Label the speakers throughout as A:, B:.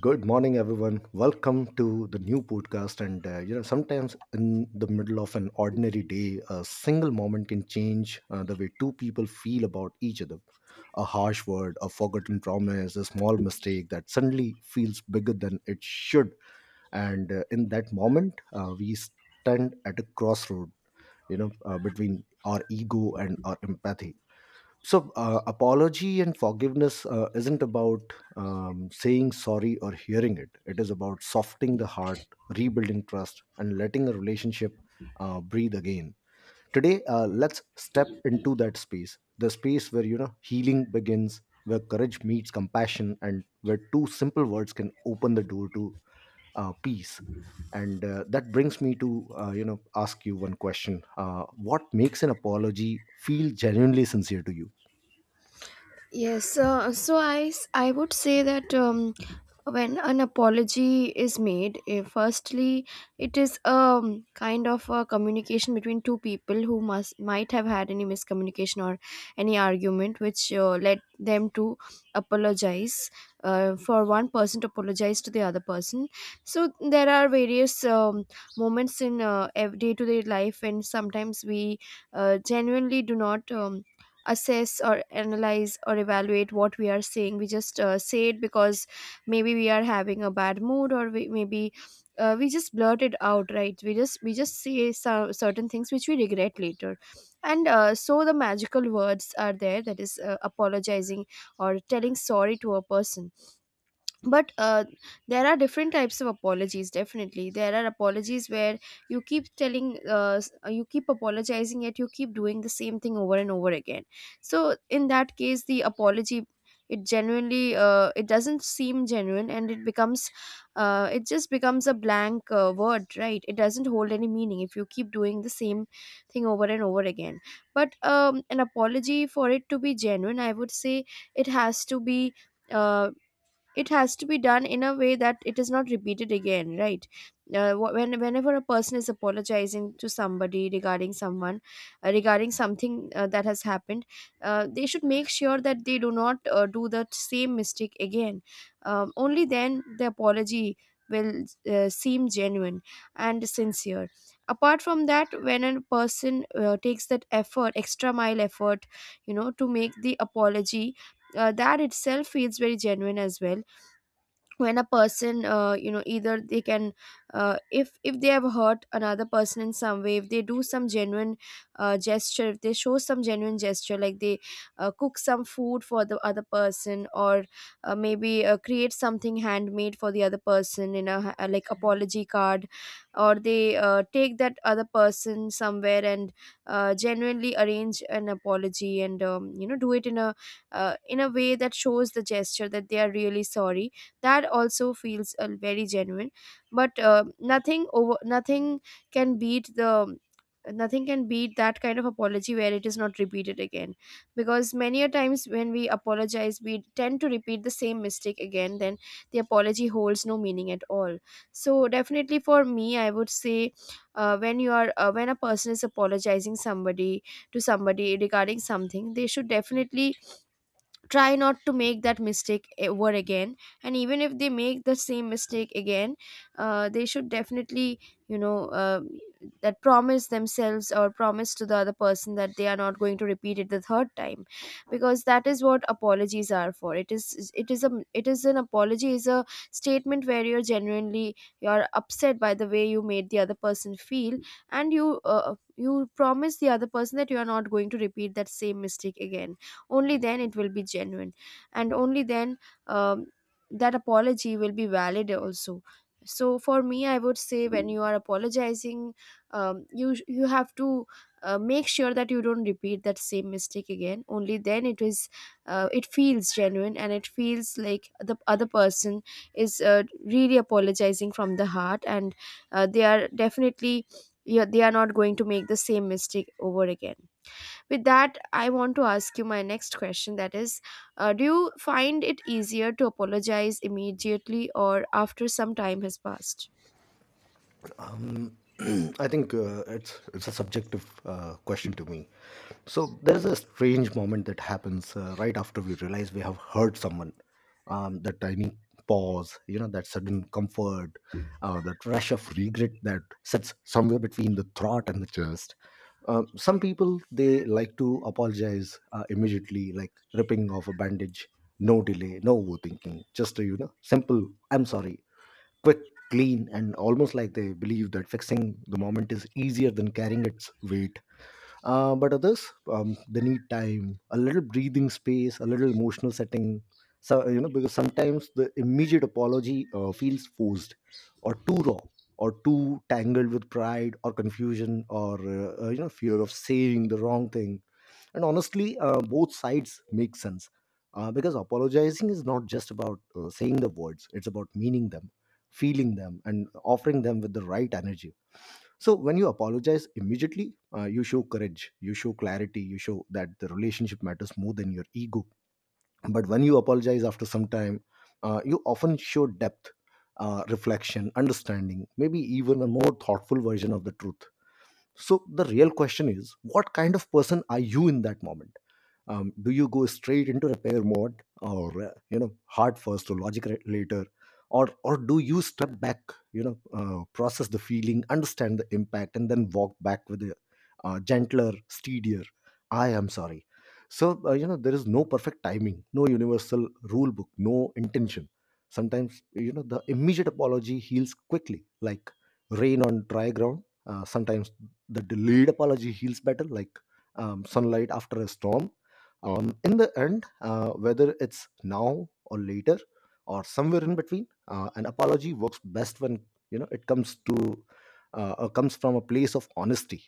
A: Good morning, everyone. Welcome to the new podcast. Sometimes in the middle of an ordinary day, a single moment can change the way two people feel about each other. A harsh word, a forgotten promise, a small mistake that suddenly feels bigger than it should. And In that moment, we stand at a crossroad, you know, between our ego and our empathy. Apology and forgiveness isn't about saying sorry or hearing it. It is about softening the heart, rebuilding trust, and letting a relationship breathe again. Today, let's step into that space, the space where, you know, healing begins, where courage meets compassion, and where two simple words can open the door to peace. And That brings me to, uh, ask you one question: what makes an apology feel genuinely sincere to you?
B: Yes, so I would say that when an apology is made firstly it is a kind of a communication between two people who must might have had any miscommunication or any argument which led them to apologize. For one person to apologize to the other person, so there are various moments in day-to-day life, and sometimes we genuinely do not assess or analyze or evaluate what we are saying. We just say it because maybe we are having a bad mood, or maybe we just blurt it out, right? We just we just say some certain things which we regret later. And so the magical words are there, that is apologizing or telling sorry to a person. But there are different types of apologies. Definitely there are apologies where you keep telling you keep apologizing yet you keep doing the same thing over and over again. So in that case the apology, it genuinely it doesn't seem genuine, and it becomes it just becomes a blank word, right? It doesn't hold any meaning if you keep doing the same thing over and over again. But an apology for it to be genuine, I would say it has to be uh, it has to be done in a way that it is not repeated again, right? When whenever a person is apologizing to somebody regarding someone, regarding something that has happened, they should make sure that they do not do that same mistake again. Only then the apology will seem genuine and sincere. Apart from that, when a person takes that effort, extra mile effort, you know, to make the apology, that itself feels very genuine as well. When a person you know, either they can if they have hurt another person in some way, if they do some genuine gesture, if they show some genuine gesture, like they cook some food for the other person, or maybe create something handmade for the other person in a like apology card, or they take that other person somewhere and genuinely arrange an apology and you know, do it in a way that shows the gesture that they are really sorry. That also feels very genuine. But nothing can beat the nothing can beat that kind of apology where it is not repeated again. Because many a times when we apologize, we tend to repeat the same mistake again, then the apology holds no meaning at all. So definitely, for me, I would say when you are when a person is apologizing somebody, to somebody regarding something, they should definitely try not to make that mistake ever again. And even if they make the same mistake again, they should definitely, you know, that promise themselves or promise to the other person that they are not going to repeat it the third time. Because that is what apologies are for. It is it is a it is an apology is a statement where you're genuinely you're upset by the way you made the other person feel, and you you promise the other person that you are not going to repeat that same mistake again. Only then it will be genuine, and only then um, that apology will be valid also. So for me, I would say when you are apologizing, you have to make sure that you don't repeat that same mistake again. Only then it is it feels genuine, and it feels like the other person is really apologizing from the heart, and they are definitely, yeah, they are not going to make the same mistake over again. With that, I want to ask you my next question, that is, do you find it easier to apologize immediately or after some time has passed?
A: Um, I think it's a subjective question to me. So there's a strange moment that happens right after we realize we have hurt someone. That tiny pause, you know, that sudden comfort, that rush of regret that sits somewhere between the throat and the chest. Some people, they like to apologize immediately, like ripping off a bandage, no delay, no overthinking, just a, you know, simple "I'm sorry." Quick, clean, and almost like they believe that fixing the moment is easier than carrying its weight. But others, they need time, a little breathing space, a little emotional setting. So, you know, because sometimes the immediate apology feels forced, or too raw, or too tangled with pride or confusion, or you know, fear of saying the wrong thing. And honestly, both sides make sense, because apologizing is not just about saying the words. It's about meaning them, feeling them, and offering them with the right energy. So when you apologize immediately, you show courage, you show clarity, you show that the relationship matters more than your ego. But when you apologize after some time, you often show depth, reflection, understanding, maybe even a more thoughtful version of the truth. So the real question is, what kind of person are you in that moment? Do you go straight into repair mode, or, you know, heart first or logic later, or do you step back, you know, process the feeling, understand the impact, and then walk back with a gentler, steadier "I am sorry." So, you know, there is no perfect timing, no universal rule book, no intention. Sometimes, you know, the immediate apology heals quickly, like rain on dry ground. Sometimes the delayed apology heals better, like sunlight after a storm. In the end, whether it's now or later or somewhere in between, an apology works best when, you know, it comes to comes from a place of honesty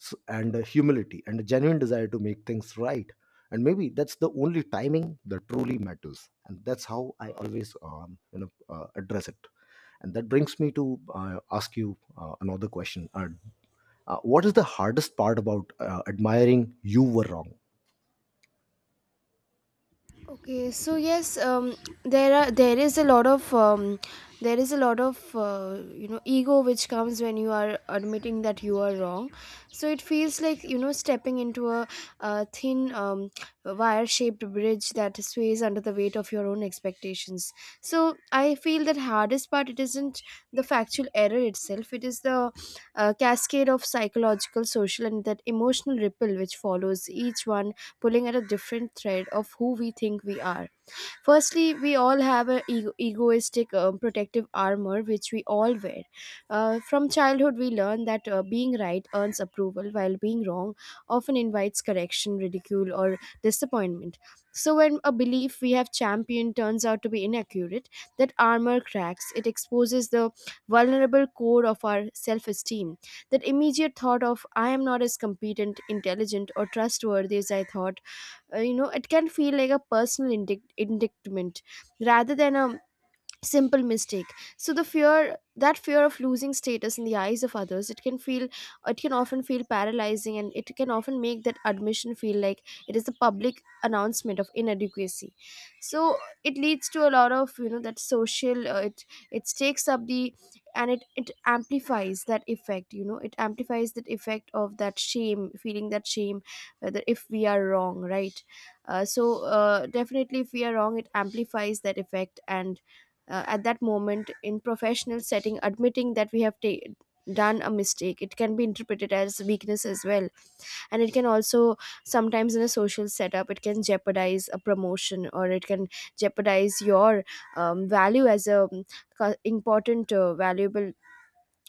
A: and humility and a genuine desire to make things right. And maybe that's the only timing that truly matters. And that's how I always, um, address it. And that brings me to, ask you another question. What is the hardest part about admiring you were wrong?
B: Okay, so yes, there is a lot of there is a lot of you know, ego which comes when you are admitting that you are wrong. So it feels like, you know, stepping into a, thin wire-shaped bridge that sways under the weight of your own expectations. So I feel that hardest part, it isn't the factual error itself; it is the cascade of psychological, social, and that emotional ripple which follows each one, pulling at a different thread of who we think we are. Firstly, we all have an egoistic protective armor which we all wear. From childhood, we learn that being right earns approval, while being wrong often invites correction, ridicule, or disappointment. So, when a belief we have championed turns out to be inaccurate, that armor cracks. It exposes the vulnerable core of our self esteem. That immediate thought of, I am not as competent, intelligent, or trustworthy as I thought, you know, it can feel like a personal indictment rather than a simple mistake. So the fear, that fear of losing status in the eyes of others, it can feel, it can often feel paralyzing, and it can often make that admission feel like it is the public announcement of inadequacy. So it leads to a lot of, you know, that social it it takes up the, and it amplifies that effect, you know, it amplifies that effect of that shame, feeling that shame, whether if we are wrong, right? Definitely, if we are wrong, it amplifies that effect. And at that moment, in professional setting, admitting that we have done a mistake, it can be interpreted as weakness as well. And it can also, sometimes in a social setup, it can jeopardize a promotion, or it can jeopardize your value as a important valuable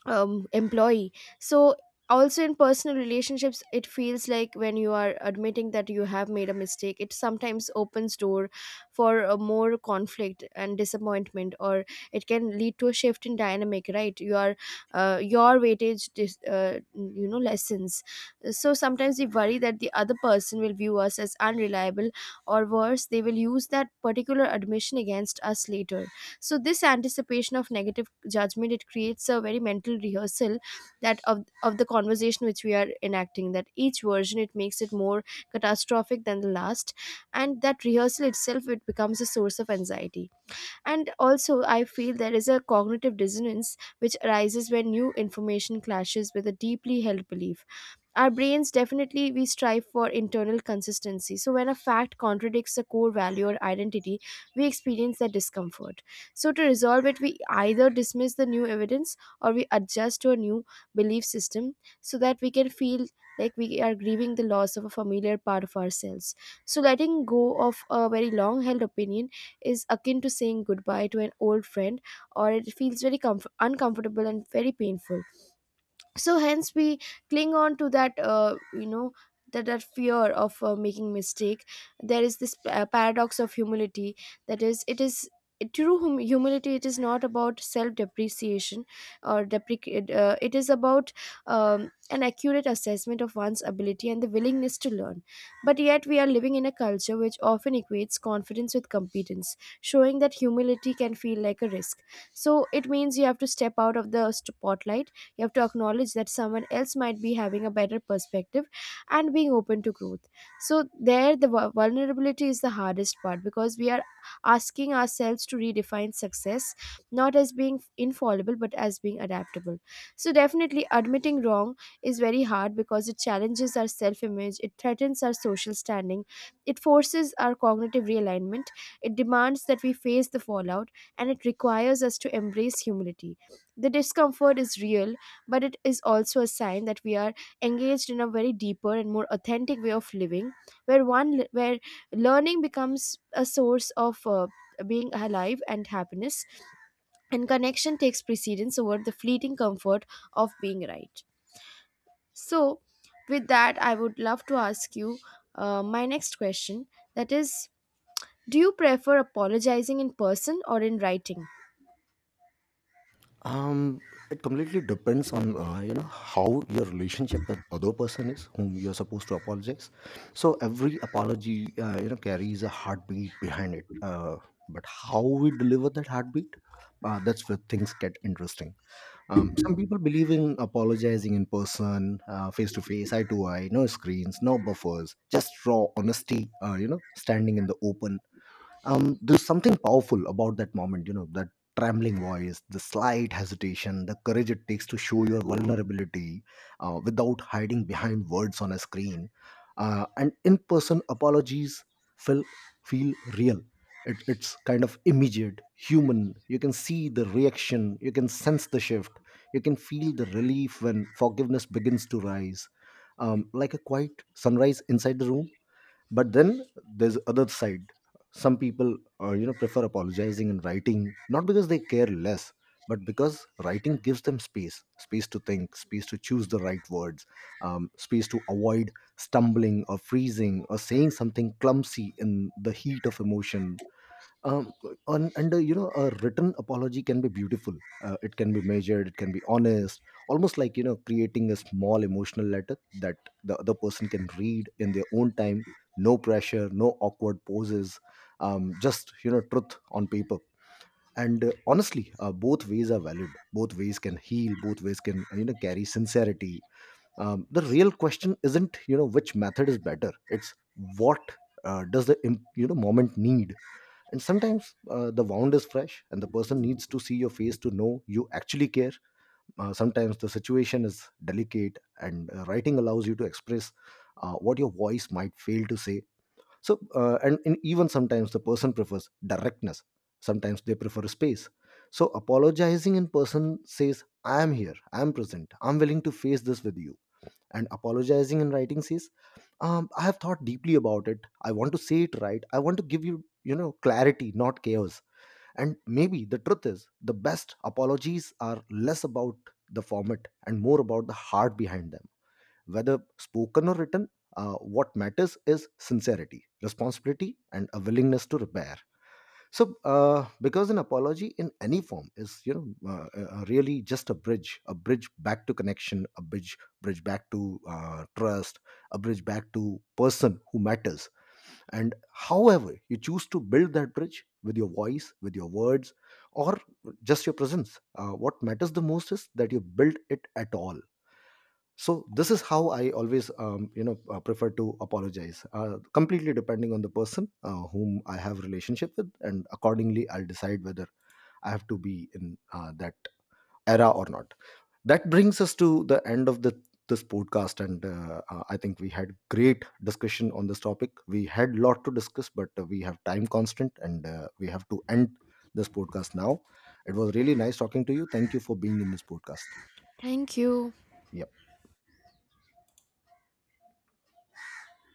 B: employee. So also, in personal relationships, it feels like when you are admitting that you have made a mistake, it sometimes opens door for a more conflict and disappointment, or it can lead to a shift in dynamic, right? Your your weightage you know, lessons. So sometimes we worry that the other person will view us as unreliable, or worse, they will use that particular admission against us later. So this anticipation of negative judgment, it creates a very mental rehearsal that of the conversation which we are enacting, that each version, it makes it more catastrophic than the last. And that rehearsal itself, it becomes a source of anxiety. And also, I feel there is a cognitive dissonance which arises when new information clashes with a deeply held belief. Our brains, definitely, we strive for internal consistency, so when a fact contradicts a core value or identity, we experience that discomfort. So to resolve it, we either dismiss the new evidence, or we adjust to a new belief system, so that we can feel like we are grieving the loss of a familiar part of ourselves. So letting go of a very long held opinion is akin to saying goodbye to an old friend, or it feels very uncomfortable and very painful. So hence we cling on to that, you know, that fear of making mistake. There is this paradox of humility, that is, it is true humility, it is not about self depreciation, or deprecate it is about an accurate assessment of one's ability and the willingness to learn. But yet we are living in a culture which often equates confidence with competence, showing that humility can feel like a risk. So it means you have to step out of the spotlight, you have to acknowledge that someone else might be having a better perspective, and being open to growth. So, there, the vulnerability is the hardest part, because we are asking ourselves to redefine success not as being infallible but as being adaptable. So, definitely, admitting wrong is very hard because it challenges our self image, it threatens our social standing, it forces our cognitive realignment, it demands that we face the fallout, and it requires us to embrace humility. The discomfort is real, but it is also a sign that we are engaged in a very deeper and more authentic way of living, where one where learning becomes a source of being alive and happiness and connection takes precedence over the fleeting comfort of being right. So with that, I would love to ask you my next question, that is, do you prefer apologizing in person or in writing?
A: Um, it completely depends on, you know, how your relationship with other person is, whom you're supposed to apologize. So every apology, you know, carries a heartbeat behind it. But how we deliver that heartbeat, that's where things get interesting. Some people believe in apologizing in person, face to face, eye to eye, no screens, no buffers, just raw honesty. You know, standing in the open, there's something powerful about that moment, you know, that trembling voice, the slight hesitation, the courage it takes to show your vulnerability without hiding behind words on a screen. And in-person apologies feel feel real. It's kind of immediate, human. You can see the reaction, you can sense the shift, you can feel the relief when forgiveness begins to rise, like a quiet sunrise inside the room. But then there's other side. Some people, you know, prefer apologizing in writing, not because they care less, but because writing gives them space, space to think, space to choose the right words, space to avoid stumbling or freezing or saying something clumsy in the heat of emotion. um, on under, you know, a written apology can be beautiful. It can be measured, it can be honest, almost like, you know, creating a small emotional letter that the other person can read in their own time. No pressure, no awkward poses, just, you know, truth on paper. And Honestly, both ways are valid, both ways can heal, both ways can, you know, carry sincerity. The real question isn't, you know, which method is better. It's what, does the you know, moment need. And sometimes, the wound is fresh and the person needs to see your face to know you actually care. Sometimes the situation is delicate and, writing allows you to express what your voice might fail to say. So, and even sometimes the person prefers directness, sometimes they prefer space. So apologizing in person says, "I am here, I am present, I'm willing to face this with you." And apologizing in writing says, "I have thought deeply about it, I want to say it right, I want to give you, you know, clarity not chaos." And maybe the truth is, the best apologies are less about the format and more about the heart behind them. Whether spoken or written, what matters is sincerity, responsibility, and a willingness to repair. So, because an apology in any form is, you know, really just a bridge, a bridge back to connection, a bridge back to trust, a bridge back to person who matters. And however you choose to build that bridge, with your voice, with your words, or just your presence, what matters the most is that you build it at all. So this is how I always, um, prefer to apologize, completely depending on the person whom I have relationship with, and accordingly I'll decide whether I have to be in that era or not. That brings us to the end of the this podcast, and I think we had great discussion on this topic. We had lot to discuss, but we have time constant and we have to end this podcast now. It was really nice talking to you. Thank you for being in this podcast.
B: Thank you.
A: Yeah.